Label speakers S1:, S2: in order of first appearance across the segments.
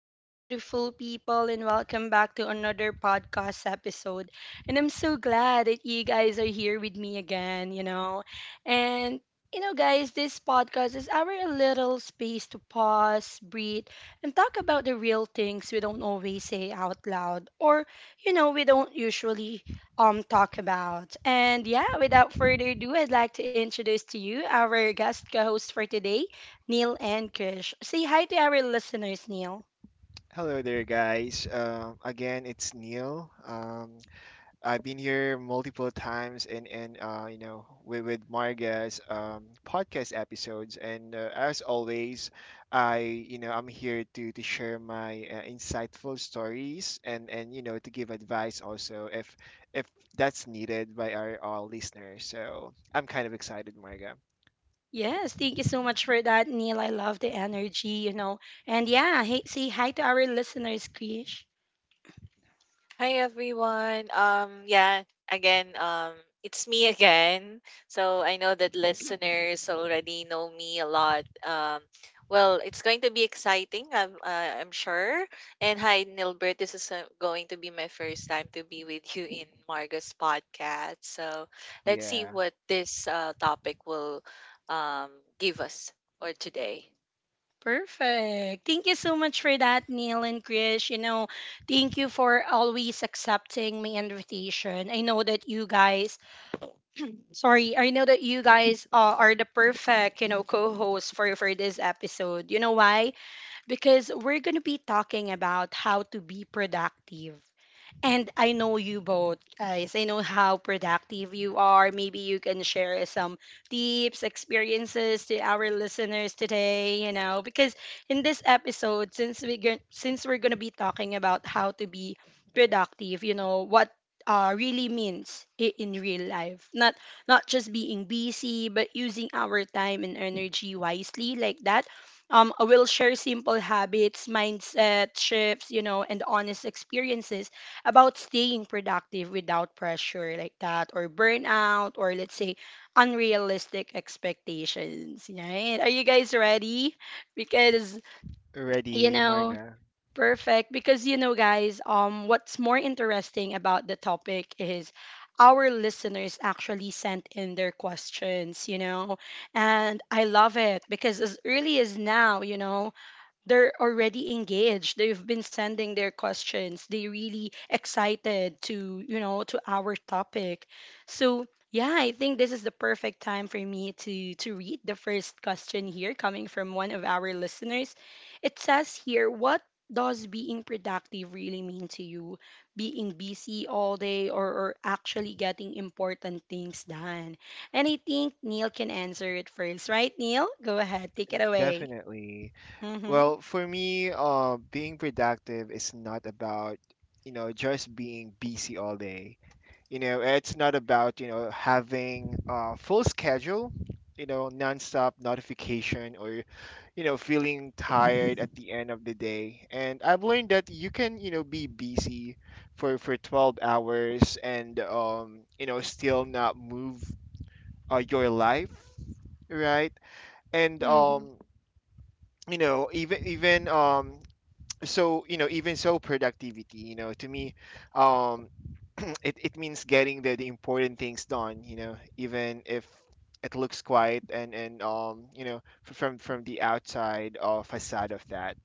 S1: Hello, beautiful people, and welcome back to another podcast episode. And I'm so glad that you guys are here with me again, And, guys, this podcast is our little space to pause, breathe, and talk about the real things we don't always say out loud or, we don't usually talk about. And yeah, without further ado, I'd like to introduce to you our guest co-host for today. Neil and Krish. Say hi to our listeners, Neil.
S2: Hello there, guys. Again, it's Neil. I've been here multiple times and you know with Marga's podcast episodes, and as always, I I'm here to share my insightful stories and and to give advice also if that's needed by all listeners. So I'm kind of excited, Marga.
S1: Yes, thank you so much for that, Neil. I love the energy, And yeah, hey, say hi to our listeners, Krish.
S3: Hi everyone. Yeah, again, it's me again. So I know that listeners already know me a lot. Well, it's going to be exciting, I'm sure. And hi Nilbert, this is going to be my first time to be with you in Marga's podcast. So let's see
S2: Yeah,
S3: what this topic will um give us for today.
S1: Perfect. Thank you so much for that, Neil and Krish. Thank you for always accepting my invitation. I know that you guys, sorry, I know that you guys are the perfect, co-hosts for this episode. You know why? Because we're gonna be talking about how to be productive. And I know you both, guys. I know how productive you are. Maybe you can share some tips, experiences to our listeners today, you know, because in this episode, since we're going to be talking about how to be productive, you know, what really means in real life. Not just being busy, but using our time and energy wisely like that. We'll share simple habits, mindset shifts, you know, and honest experiences about staying productive without pressure like that, or burnout, or let's say unrealistic expectations, right? Are you guys ready? Because you
S2: ready,
S1: know
S2: Marga.
S1: perfect because guys, what's more interesting about the topic is our listeners actually sent in their questions, you know. And I love it because as early as now, you know, they're already engaged. They've been sending their questions. They really excited to, to our topic. So yeah, I think this is the perfect time for me to read the first question here coming from one of our listeners. It says here, what does being productive really mean to you? Being busy all day, or actually getting important things done? And I think Neil can answer it first, right? Neil, go ahead, take it away.
S2: Definitely.
S1: Mm-hmm.
S2: Well, for me, being productive is not about, you know, just being busy all day. You know, it's not about, you know, having a full schedule, you know, nonstop notification or, you know, feeling tired at the end of the day. And I've learned that you can, you know, be busy for 12 hours and you know, still not move your life, right? And
S1: Mm-hmm.
S2: you know, even even so you know even so productivity, you know, to me, um it means getting the important things done, you know, even if it looks quiet and from the outside facade of that.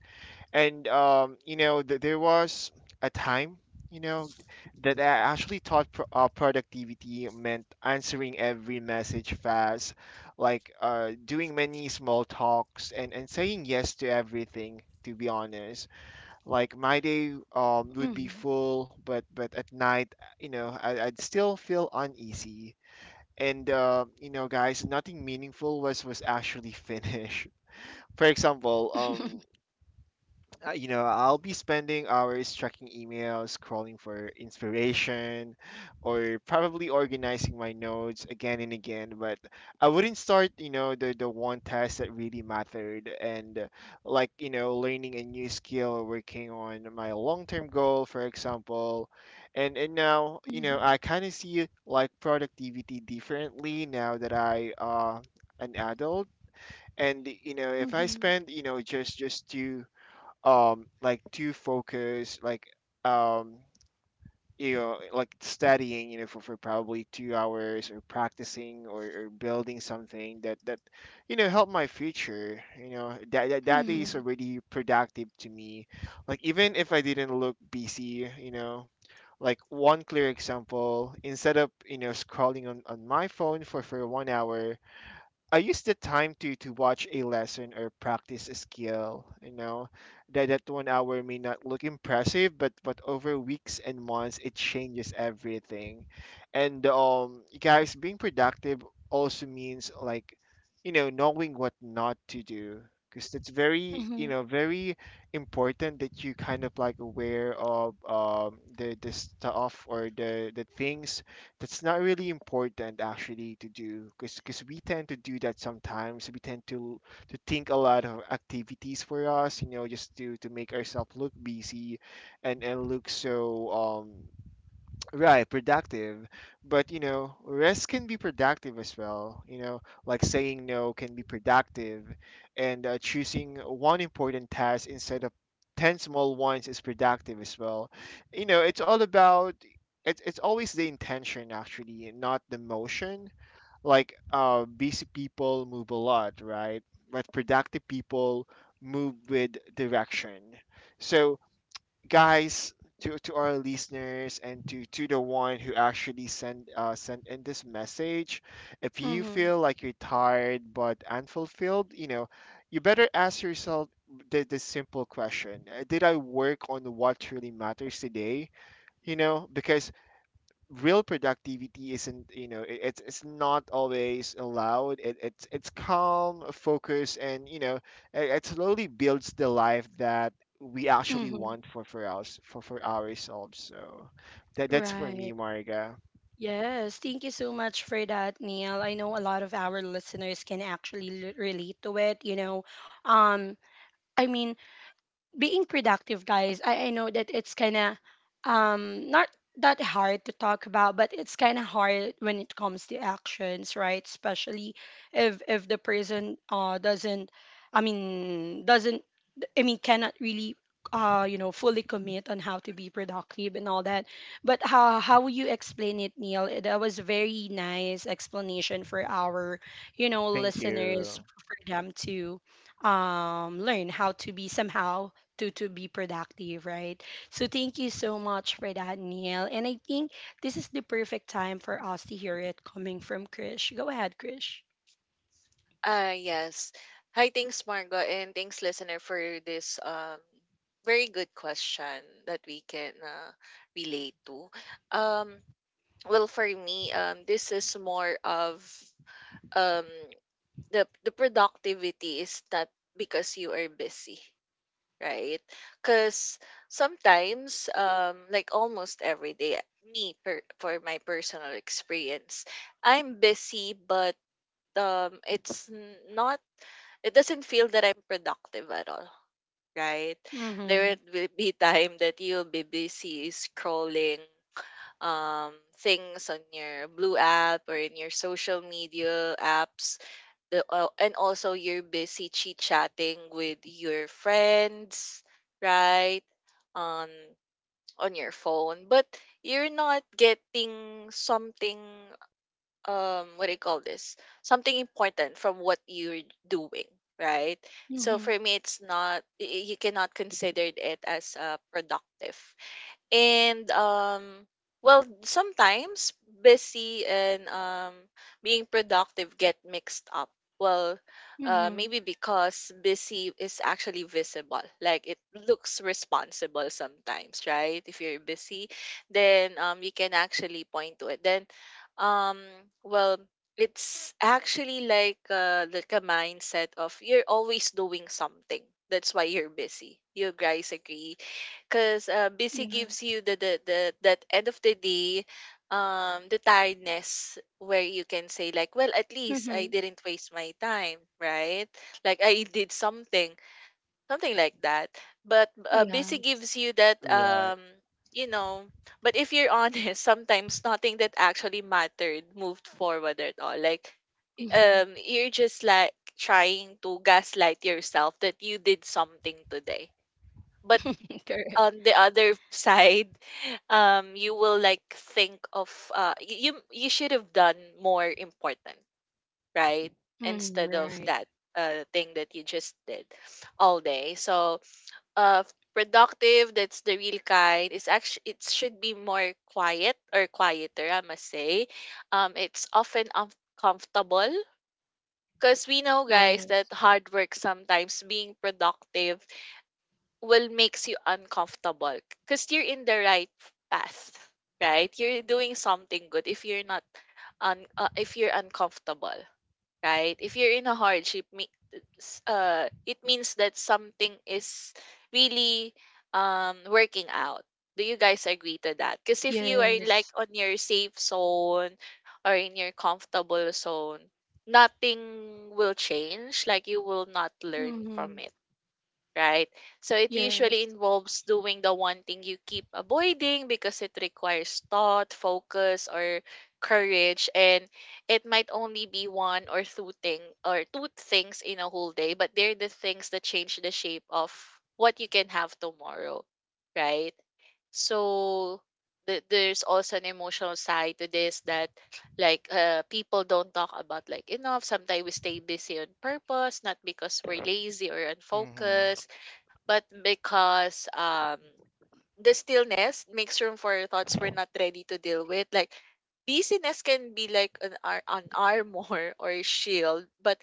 S2: And there was a time, you know, that I actually thought productivity meant answering every message fast, like doing many small talks and saying yes to everything, to be honest. Like my
S1: Mhm.
S2: day would be full, but at night, you know, I'd still feel uneasy. And you know, guys, nothing meaningful was actually finished. For example, you know, I'll be spending hours checking emails, scrolling for inspiration, or probably organizing my notes again and again. But I wouldn't start, you know, the one task that really mattered. And like, you know, learning a new skill or working on my long term goal, for example. And now, you
S1: Mhm.
S2: know, I kind of see like productivity differently now that I, an adult. And you know, if I
S1: Mhm.
S2: spend, you know, just two, to focus, like, um you know, like studying, you know, for probably 2 hours or practicing, or building something that you know help my future, you know, that day
S1: Mhm.
S2: is already productive to me, like even if I didn't look busy, you know. Like one clear example, instead of, you know, scrolling on my phone for 1 hour, I use the time to watch a lesson or practice a skill. You know, that that 1 hour may not look impressive, but over weeks and months, it changes everything. And guys, being productive also means like, you know, knowing what not to do. Because that's very,
S1: Mhm.
S2: you know, very important that you kind of like aware of the stuff or the things that's not really important actually to do, because we tend to do that. Sometimes we tend to think a lot of activities for us, you know, just to make ourselves look busy and look so Right, productive. But, you know, rest can be productive as well. You know, like saying no can be productive, and choosing one important task instead of 10 small ones is productive as well. You know, it's all about, it's always the intention actually, and not the motion. Like, busy people move a lot, right? But productive people move with direction. So, guys, to our listeners and to the one who actually sent in this message, if you
S1: Mhm.
S2: feel like you're tired but unfulfilled, you know, you better ask yourself the simple question: did I work on what truly matters today? You know, because real productivity isn't, you know, it's not always allowed, it's calm focus, and you know it, it slowly builds the life that we actually
S1: Mhm.
S2: want for us for ourselves. So that that's for
S1: Right.
S2: me, Marga.
S1: Yes. Thank you so much for that, Neil. I know a lot of our listeners can actually relate to it. You know, um, I mean, being productive, guys. I know that it's kind of not that hard to talk about, but it's kind of hard when it comes to actions, right? Especially if the person doesn't, I mean, doesn't, I mean, cannot really, you know, fully commit on how to be productive and all that. But how would you explain it, Neil? Eh, that was very nice explanation for our, you know,
S2: Thank
S1: listeners
S2: you.
S1: for them to, learn how to be somehow to be productive, right? So thank you so much for that, Neil. And I think this is the perfect time for us to hear it coming from Krish. Go ahead, Krish.
S3: Ah, yes. Hi, thanks, Margo, and thanks, listener, for this very good question that we can relate to. Um, well, for me, this is more of um the productivity is not because you are busy, right? Because sometimes, like almost every day, for my personal experience, I'm busy, but not it doesn't feel that I'm productive at all, right? There
S1: Mhm.
S3: will be time that you'll be busy scrolling things on your blue app or in your social media apps and also you're busy chit chatting with your friends, right? On your phone, but you're not getting something, what do you call this, something important from what you're doing, right? So
S1: Mhm.
S3: for me, it's not y- y- you cannot consider it as productive. And well, sometimes busy and being productive get mixed up. Well,
S1: Mhm.
S3: maybe because busy is actually visible. It looks responsible sometimes, right? If you're busy, then you can actually point to it. Then um well, it's actually like a mindset of you're always doing something. That's why you're busy. You guys agree? Because busy gives you
S1: Yes.
S3: the that end of the day, the tiredness where you can say like, well, at least I
S1: Mhm.
S3: didn't waste my time, right? Like I did something, something like that. But busy
S1: Yes.
S3: gives you that,
S2: Right.
S3: you know. But if you're honest, sometimes nothing that actually mattered moved forward at all. Like
S1: Mm-hmm.
S3: you're just like trying to gaslight yourself that you did something today, but
S1: Correct.
S3: on the other side, you will like think of you you should have done more important, right?
S1: Mm,
S3: Instead of
S1: right.
S3: that thing that you just did all day. So uh productive, that's the real kind. It's actually, it should be more quiet, or quieter, I must say. It's often uncomfortable because we know, guys, that
S1: Yes.
S3: hard work, sometimes being productive, will makes you uncomfortable, because you're in the right path, right? You're doing something good if you're not un, if you're uncomfortable, right? If you're in a hardship, it means that something is really working out. Do you guys agree to that? Because if you are like
S1: Yes.
S3: on your safe zone or in your comfortable zone, nothing will change. Like you will not learn from
S1: Mm-hmm.
S3: it, right? So it usually
S1: Yes.
S3: involves doing the one thing you keep avoiding because it requires thought, focus, or courage, and it might only be one or two thing or two things in a whole day, but they're the things that change the shape of what you can have tomorrow, right? So there's also an emotional side to this that, like, people don't talk about like enough. Sometimes we stay busy on purpose, not because we're lazy or
S2: Hmm.
S3: unfocused, but because the stillness makes room for thoughts we're not ready to deal with. Like busyness can be like an armor or a shield, but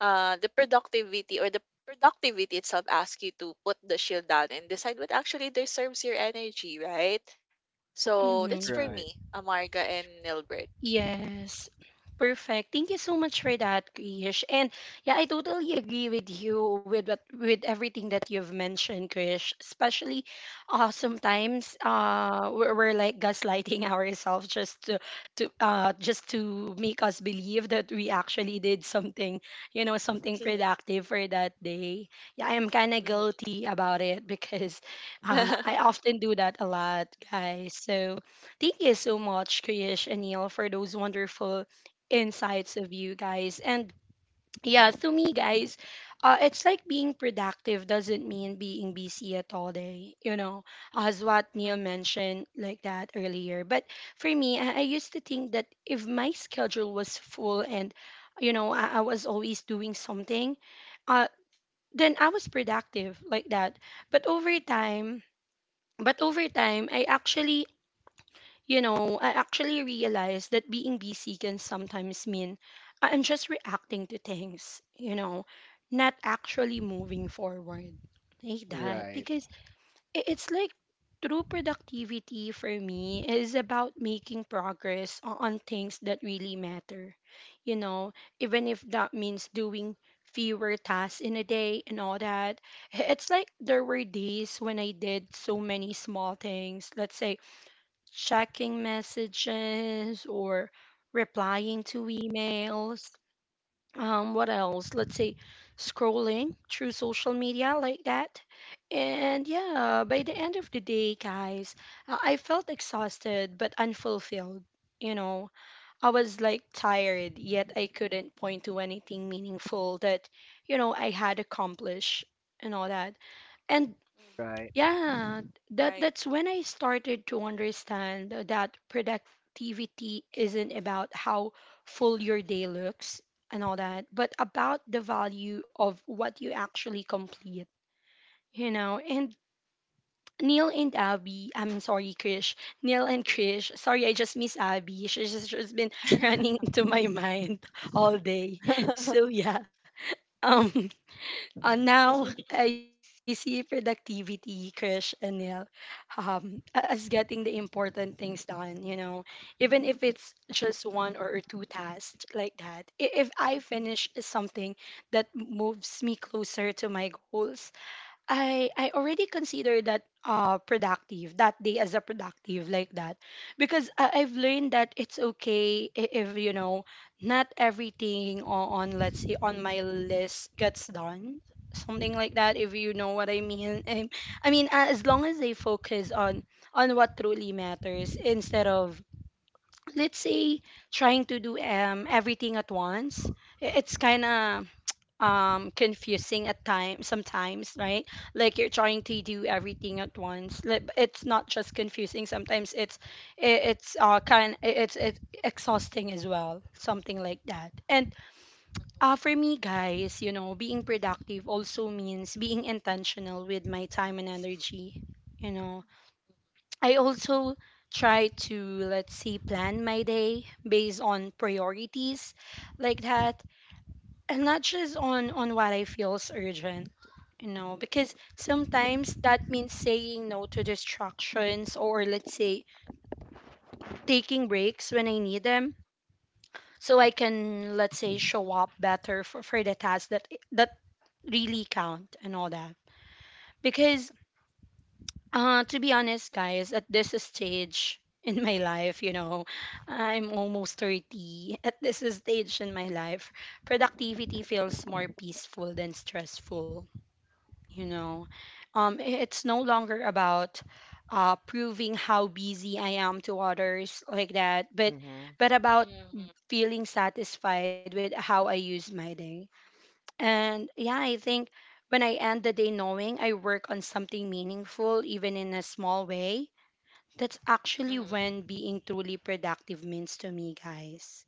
S3: the productivity, or the productivity itself, asks you to put the shield down and decide what actually deserves your energy, right? So that's for
S1: Mm-hmm.
S2: Right.
S3: me, Amarga and Nilbert.
S1: Yes. Perfect. Thank you so much for that, Krish. And yeah, I totally agree with you with what with everything that you've mentioned, Krish. Especially sometimes we're like gaslighting ourselves just to just to make us believe that we actually did something, you know, something productive for that day. Yeah, I am kind of
S3: Mhm. Mhm.
S1: guilty about it because I often do that a lot, guys. So thank you so much, Krish and Neil, for those wonderful insights of you guys. And yeah, to me, guys, it's like being productive doesn't mean being busy at all day, you know, as what Neil mentioned like that earlier. But for me, I used to think that if my schedule was full and, you know, I was always doing something, uh, then I was productive like that. But over time, but over time, I actually, you know, I actually realized that being busy can sometimes mean I'm just reacting to things, you know, not actually moving forward. Like that.
S2: Right.
S1: Because it's like true productivity for me is about making progress on things that really matter. You know, even if that means doing fewer tasks in a day and all that. It's like there were days when I did so many small things, let's say checking messages or replying to emails. What else? Let's say scrolling through social media like that. And yeah, by the end of the day, guys, I felt exhausted but unfulfilled. You know, I was like tired, yet I couldn't point to anything meaningful that, you know, I had accomplished and all that. And
S2: Right.
S3: Mm-hmm.
S1: yeah, that
S3: Right.
S1: that's when I started to understand that productivity isn't about how full your day looks and all that, but about the value of what you actually complete, you know. And Neil and Abby, I'm sorry, Krish. Neil and Krish, sorry, I just miss Abby. She's just, she's been running into my mind all day.
S3: Mhm.
S1: So yeah, um, now I see productivity, Krish and Neil, as getting the important things done, you know, even if it's just one or two tasks like that. If I finish something that moves me closer to my goals, I already consider that productive that day as a productive like that, because I've learned that it's okay if, you know, not everything on let's say on my list gets done, something like that, if you know what I mean. I mean as long as they focus on what truly matters, instead of let's say trying to do everything at once. It's kind of confusing at times sometimes, right? Like you're trying to do everything at once. Like, it's not just confusing sometimes, it, it's kind, it's exhausting as well, something like that. And uh,
S3: Mhm.
S1: for me, guys, you know, being productive also means being intentional with my time and energy, you know. I also try to, let's say, plan my day based on priorities like that, and not just on what I feel is urgent. You know, because sometimes that means saying no to distractions, or let's say taking breaks when I need them, so I can let's say show up better for, the tasks that that really count and all that. Because uh, to be honest, guys, at this stage in my life, you know, I'm almost 30. At this stage in my life, productivity feels more peaceful than stressful, you know. Um, it's no longer about uh, proving how busy I am to others like that,
S2: Hmm.
S1: but about
S3: Mhm.
S1: feeling satisfied with how I use my day. And yeah, I think when I end the day knowing I work on something meaningful even in a small way, that's actually
S3: Mhm.
S1: when being truly productive means to me, guys.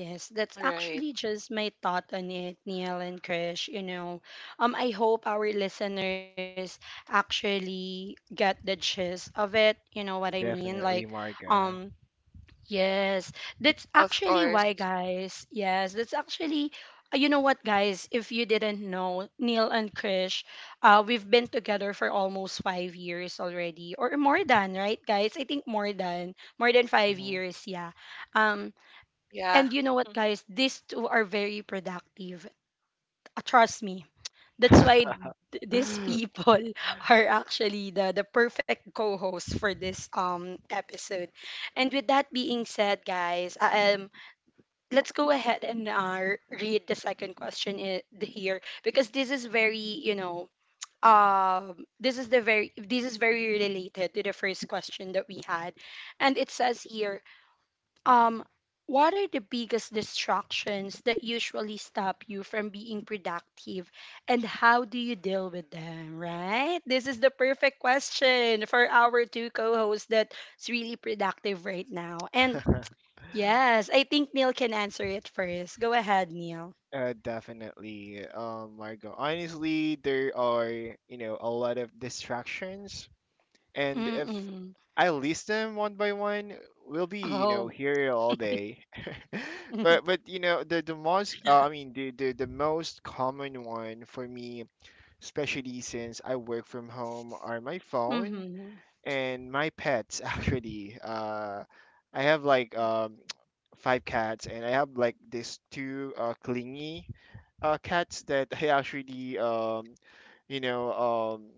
S1: Yes, that's
S3: Right.
S1: actually just my thought on it, Neil and Krish. You know, I hope our listeners actually get the gist of it. You know what I mean? Like,
S2: Definitely, Marga.
S1: um, yes, that's
S3: Of
S1: actually why,
S3: course.
S1: guys. Yes, that's actually, you know what, guys? If you didn't know, Neil and Krish, we've been together for almost 5 years already, or more than, right, guys? I think more than 5 years. Yeah. Um,
S3: Yeah.
S1: and you know what,
S3: Mhm.
S1: guys? These two are very productive. Trust me. That's why these
S2: Hmm.
S1: people are actually the perfect co hosts for this episode. And with that being said, guys, let's go ahead and read the second question here, because this is very, you know, this is very related to the first question that we had, and it says here, um, what are the biggest distractions that usually stop you from being productive, and how do you deal with them, right? This is the perfect question for our two co-hosts that's really productive right now. And yes, I think Neil can answer it first. Go ahead, Neil.
S2: Definitely, Margo. Honestly, there are, you know, a lot of distractions, and if
S1: Mm-mm.
S2: I list them one by one, we'll be, you know,
S1: Oh.
S2: here all day.
S1: Mm-hmm.
S2: But you know, the most, I mean, the most common one for me, especially since I work from home, are my phone and my pets, actually. I have like five cats, and I have like these two clingy cats that I actually you know um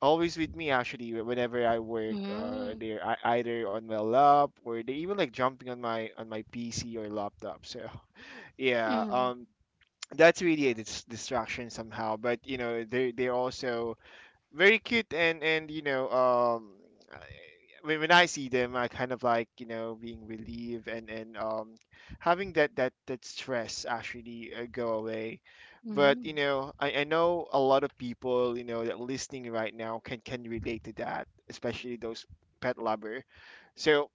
S2: always with me actually whenever I work.
S1: Mm-hmm.
S2: They're either on my lap, or they even like jumping on my PC or laptop, so yeah,
S1: Mm-hmm.
S2: that's
S3: Mhm.
S2: really a distraction somehow. But you know, they they're also very cute, and you know when I see them, I kind of like, you know, being relieved and having that that stress actually go away. But you know, I know a lot of people, you know, that listening right now can relate to that, especially those pet lover. So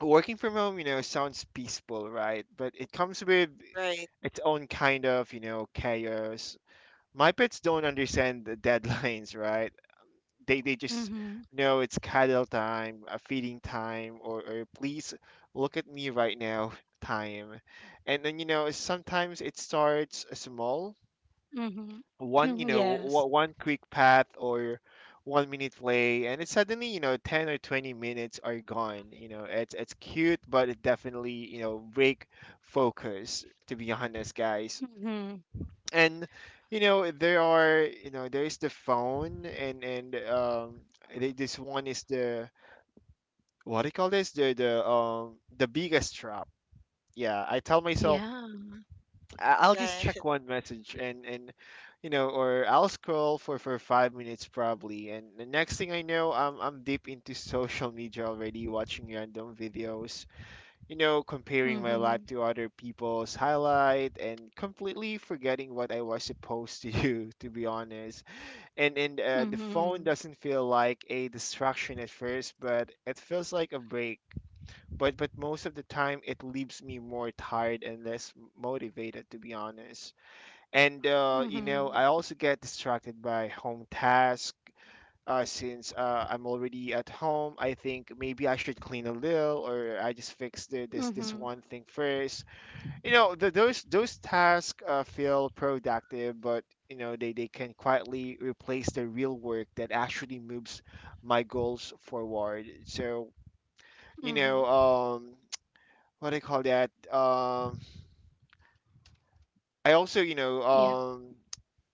S2: working from home, you know, sounds peaceful, right? But it comes with
S3: Right.
S2: its own kind of, you know, chaos. My pets don't understand the deadlines, right? They just
S1: Mm-hmm.
S2: know it's cuddle time, feeding time, or please look at me right now time. And then, you know, sometimes it starts small,
S1: Mm-hmm.
S2: one you know
S1: Yes.
S2: one quick path or 1 minute play, and it suddenly, you know, 10 or 20 minutes are gone. You know it's cute, but it definitely, you know, break focus. To be honest, guys.
S1: Mm-hmm.
S2: And you know there are you know There is the phone, and this one is the, what do you call this, the biggest trap. Yeah, I tell myself
S1: Yeah.
S2: I- I'll just
S3: Yeah.
S2: check one message and you know, or I'll scroll for 5 minutes probably, and the next thing I know, I'm deep into social media already, watching random videos, you know, comparing my
S1: Mm-hmm.
S2: life to other people's highlight and completely forgetting what I was supposed to do. To be honest. And the
S1: Mhm.
S2: phone doesn't feel like a distraction at first, but it feels like a break. But most of the time, it leaves me more tired and less motivated, to be honest. And you
S1: Mhm.
S2: know, I also get distracted by home task. Since I'm already at home, I think maybe I should clean a little, or I just fix this
S1: Mhm.
S2: this one thing first. You know, th those tasks feel productive, but you know they can quietly replace the real work that actually moves my goals forward. So you
S1: Mhm.
S2: know, what do you call that? I also, you know,
S1: Yeah,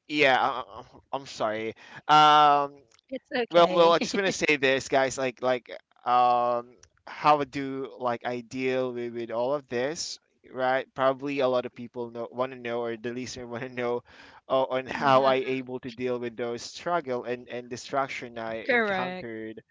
S2: yeah, I, I- I'm sorry. Um,
S1: it's
S2: Well,
S1: okay.
S2: well, I just want to say this, guys. Um, how I do, like I deal with, all of this, right? Probably a lot of people know want to know, or the listener want to know, on how
S1: Yeah,
S2: I able to deal with those struggle and distraction I
S1: correct.
S2: encountered.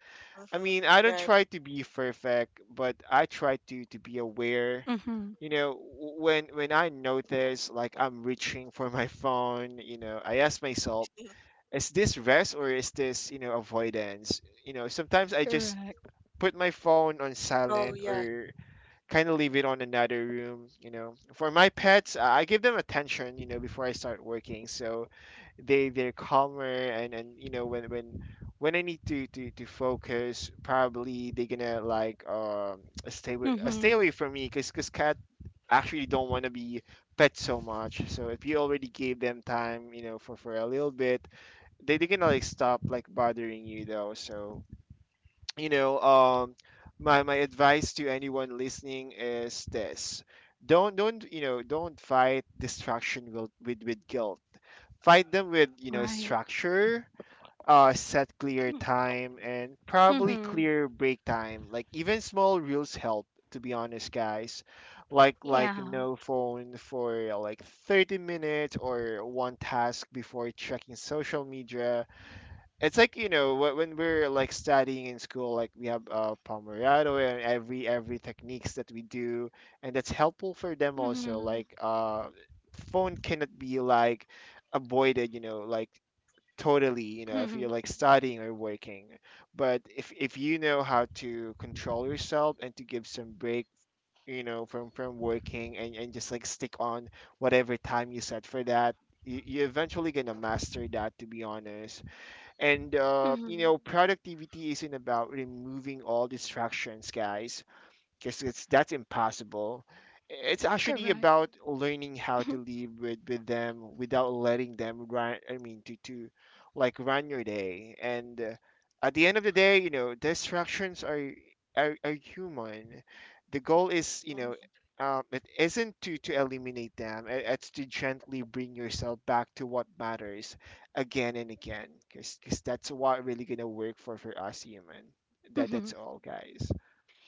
S2: I mean,
S3: Mhm.
S2: I don't
S3: Right.
S2: try to be perfect, but I try to be aware.
S1: Mhm.
S2: You know, when I notice like I'm reaching for my phone, you know, I ask myself,
S3: Mhm.
S2: is this rest or is this, you know, avoidance? You know, sometimes I just
S1: Correct.
S2: put my phone on
S3: Oh,
S2: silent
S3: yeah.
S2: or kind of leave it on another room. You know, for my pets, I give them attention, you know, before I start working, so they they're calmer, and you know when I need to to focus, probably they're gonna like stay with,
S1: Mhm.
S2: stay away from me, because cat actually don't want to be pet so much. So if you already gave them time, you know, for a little bit, they can like stop like bothering you though. So you know my my advice to anyone listening is this: don't you know don't fight distraction with with guilt. Fight them with, you know,
S1: Right.
S2: structure. Set clear time and probably
S1: Mhm.
S2: clear break time. Like even small rules help, to be honest, guys. like
S1: Yeah.
S2: like no phone for like 30 minutes, or one task before checking social media. It's like, you know, wh- when we're like studying in school, like we have, Pomeriano and every techniques that we do, and that's helpful for them
S1: Mhm.
S2: also. Like phone cannot be like avoided, you know, like totally, you know, if
S1: Mhm.
S2: you're like studying or working. But if you know how to control yourself and to give some break, you know, from working and just like stick on whatever time you set for that, you eventually gonna master that. To be honest. And, you
S1: Mhm.
S2: know, productivity isn't about removing all distractions, guys, because it's that's impossible. It's actually
S1: Correct.
S2: about learning how to live with them without letting them run. I mean, to like run your day. And at the end of the day, you know, distractions are human. The goal is, you know,
S3: Mhm.
S2: It isn't to eliminate them. It's to gently bring yourself back to what matters again and again, because that's what really gonna work for us human. That
S1: Mhm.
S2: that's all, guys.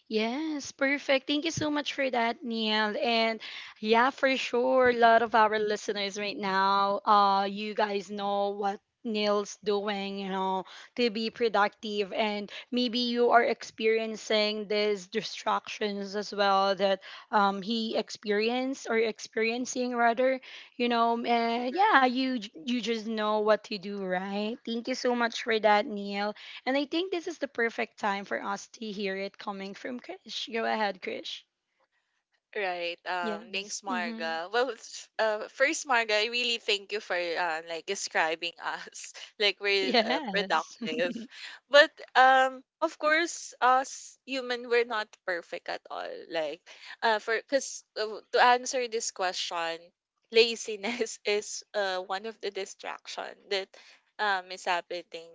S1: Yes, perfect. Thank you so much for that, Neil. And yeah, for sure, a lot of our listeners right now, you guys know what Neil's doing, you know, to be productive. And maybe you are experiencing these distractions as well that he
S3: Mhm.
S1: experienced or experiencing rather, you know. And
S3: Right.
S1: yeah, you you just know what to do, right? Thank you so much for that, Neil. And I think this is the perfect time for us to hear it coming from Krish. Go ahead, Krish.
S3: Right.
S1: Yes.
S3: Thanks,
S1: Mm-hmm.
S3: Marga. Well, first, Marga, I really thank you for like describing us like we're
S1: Yes.
S3: productive, but of course, us human, we're not perfect at all. Like, for because to answer this question, laziness is one of the distraction that is happening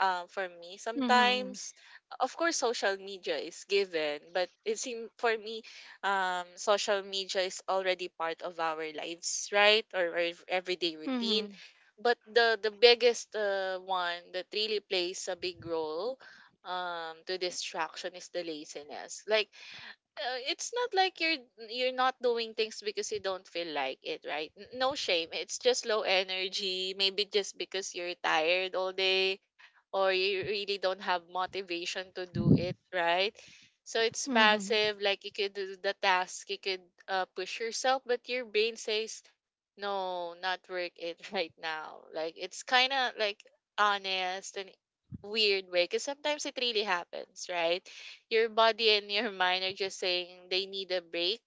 S3: for me
S1: Mm-hmm.
S3: sometimes. Of course, social media is given, but it seems for me social media is already part of our lives, right? Or our everyday routine.
S1: Mm-hmm.
S3: But the biggest one that really plays a big role to distraction is the laziness. Like, it's not like you're not doing things because you don't feel like it, right? N- no shame, it's just low energy, maybe just because you're tired all day or you really don't have motivation to do it, right? So it's
S1: Mm-hmm.
S3: passive, like you could do the task, you could push yourself, but your brain says, no, not work it right now. Like it's kind of like honest and weird way, because sometimes it really happens, right? Your body and your mind are just saying they need a break.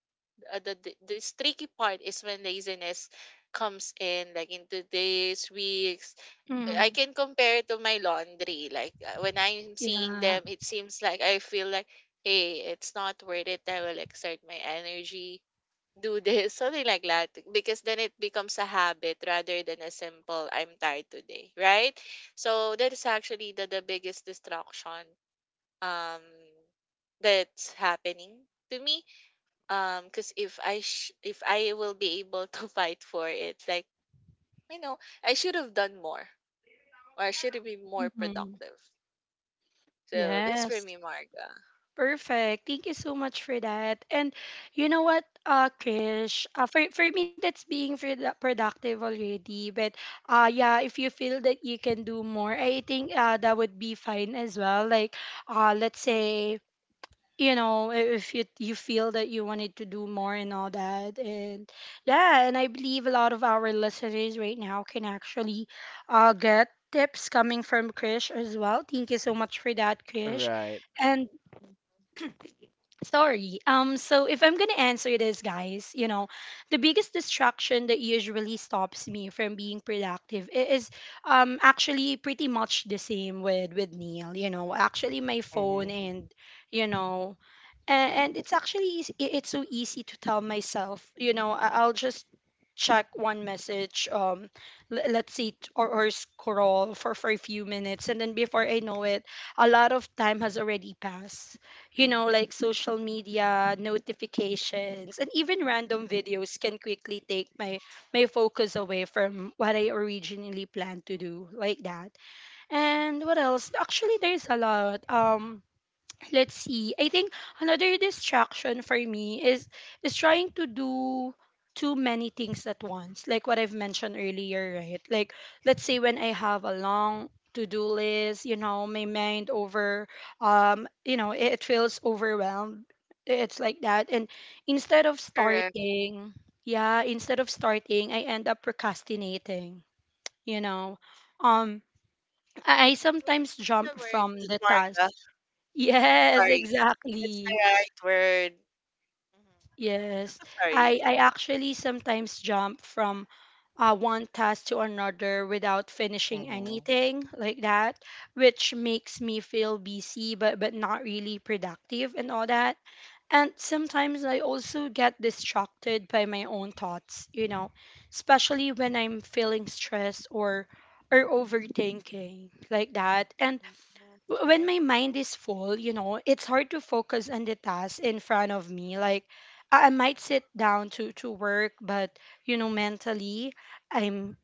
S3: The This tricky part is when laziness comes in like into days, weeks. I
S1: Mm-hmm.
S3: can compare it to my laundry. Like, when I'm seeing
S1: Yeah.
S3: them, it seems like I feel like, hey, it's not worth it, I will exert my energy do this something like that, because then it becomes a habit rather than a simple I'm tired today, right? So that is actually the biggest distraction um that's happening to me. Because if I will be able to fight for it, like, you know, I should have done more or I should have been more
S1: Mm-hmm.
S3: productive. So that's for
S1: Yes.
S3: me, Marga.
S1: Perfect. Thank you so much for that. And you know what, Krish, for me, that's being productive already. But yeah, if you feel that you can do more, I think that would be fine as well. Like, let's
S3: Mm,
S1: say you know if you feel that you wanted to do more and all that. And yeah, and I believe a lot of our listeners right now can actually get tips coming from Krish as well. Thank you so much for that, Krish.
S2: Right.
S1: And
S3: mm.
S1: sorry, so if I'm gonna answer this, guys, you know, the biggest distraction that usually stops me from being productive is actually pretty much the same with Neil, you know, actually my
S2: Mm-hmm.
S1: phone. And you know, and it's actually easy, it's so easy to tell myself, you know, I'll just check one message. Let's see, or scroll for a few minutes, and then before I know it a lot of time has already passed. You know, like social media notifications and even random videos can quickly take my focus away from what I originally planned to do, like that. And what else? Actually, there's a lot. Let's see. I think another distraction for me is trying to do too many things at once. Like what I've mentioned earlier, right? Like let's say when I have a long to-do list, you know, my mind over you know, it feels overwhelmed. It's like that. And instead of
S3: Correct.
S1: starting, yeah, instead of starting, I end up procrastinating, you know. Um I sometimes
S3: What's the
S1: jump from
S3: word,
S1: the task.
S3: Marga?
S1: Yes,
S3: Sorry. That's the
S1: exactly.
S3: right word. Mhm.
S1: Yes.
S3: Sorry.
S1: I actually sometimes jump from one task to another without finishing
S2: Mm-hmm.
S1: anything, like that, which makes me feel busy but not really productive and all that. And sometimes I also get distracted by my own thoughts, you know, especially when I'm feeling stressed or overthinking, like that. And
S3: Mhm.
S1: when
S3: Right,
S1: my mind is full, you know, it's hard to focus on the task in front of me. Like I might sit down to work, but you know, mentally, I'm,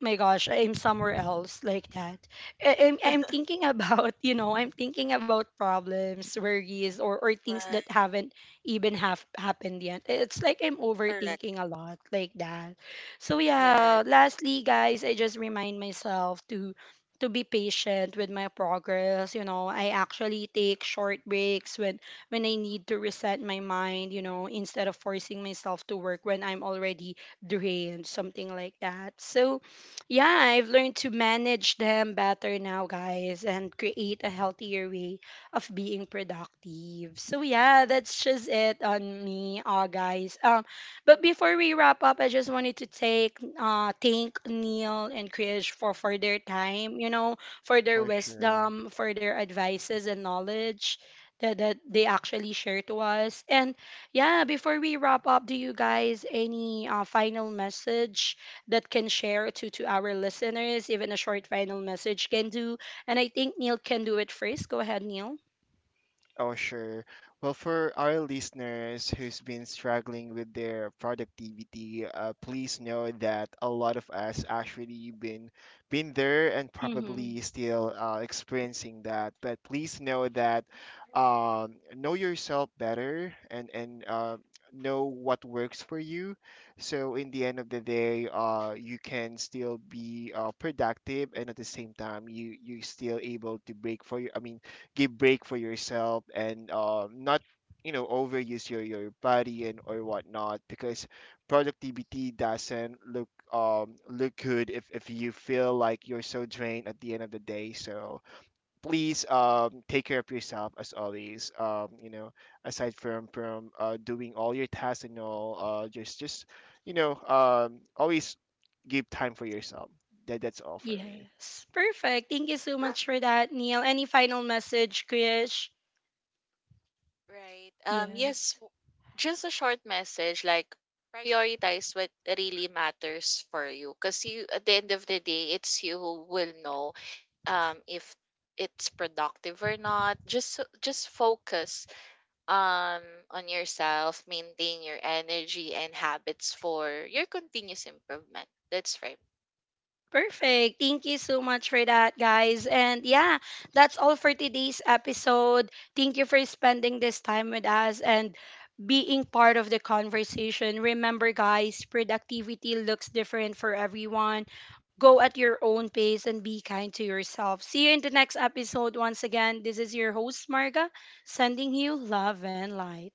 S1: my gosh, I'm somewhere else, like that. I'm thinking about, you know, I'm thinking about problems, worries, or things
S3: right,
S1: that haven't even have happened yet. It's like I'm
S3: correct.
S1: overthinking a lot, like that. So yeah,
S3: Yes.
S1: lastly, guys, I just remind myself to be patient with my progress. You know, I actually take short breaks when I need to reset my mind, you know, instead of forcing myself to work when I'm already drained, something like that. So yeah, I've learned to manage them better now, guys, and create a healthier way of being productive. So yeah, that's just it on me, guys. But before we wrap up, I just wanted to take thank Neil and Krish for their time, you know, for their
S2: For sure.
S1: wisdom, for their advices and knowledge. That they actually share to us. And yeah, before we wrap up, do you guys any final message that can share to our listeners? Even a short final message can do. And I think Neil can do it first. Go ahead, Neil.
S2: Oh, sure. Well, for our listeners who's been struggling with their productivity, please know that a lot of us actually been there and
S1: Mm-hmm.
S2: probably still experiencing that. But please know that know yourself better, and know what works for you. So in the end of the day, you can still be productive, and at the same time you you still able to break for your, I mean, give break for yourself and not, you know, overuse your body and or whatnot, because productivity doesn't look look good if you feel like you're so drained at the end of the day. So please take care of yourself as always. You know, aside from doing all your tasks and all, just, you know, always give time for yourself. That that's all for me.
S1: Yes, perfect. Thank you so much for that, Neil. Any final message, Krish?
S3: Right. Yes,
S1: Yes.
S3: just a short message, like prioritize what really matters for you, because you, at the end of the day, it's you who will know if it's productive or not. Just just focus um on yourself, maintain your energy and habits for your continuous improvement. That's right.
S1: Perfect. Thank you so much for that, guys. And yeah, that's all for today's episode. Thank you for spending this time with us and being part of the conversation. Remember, guys, productivity looks different for everyone. Go at your own pace and be kind to yourself. See you in the next episode. Once again, this is your host, Marga, sending you love and light.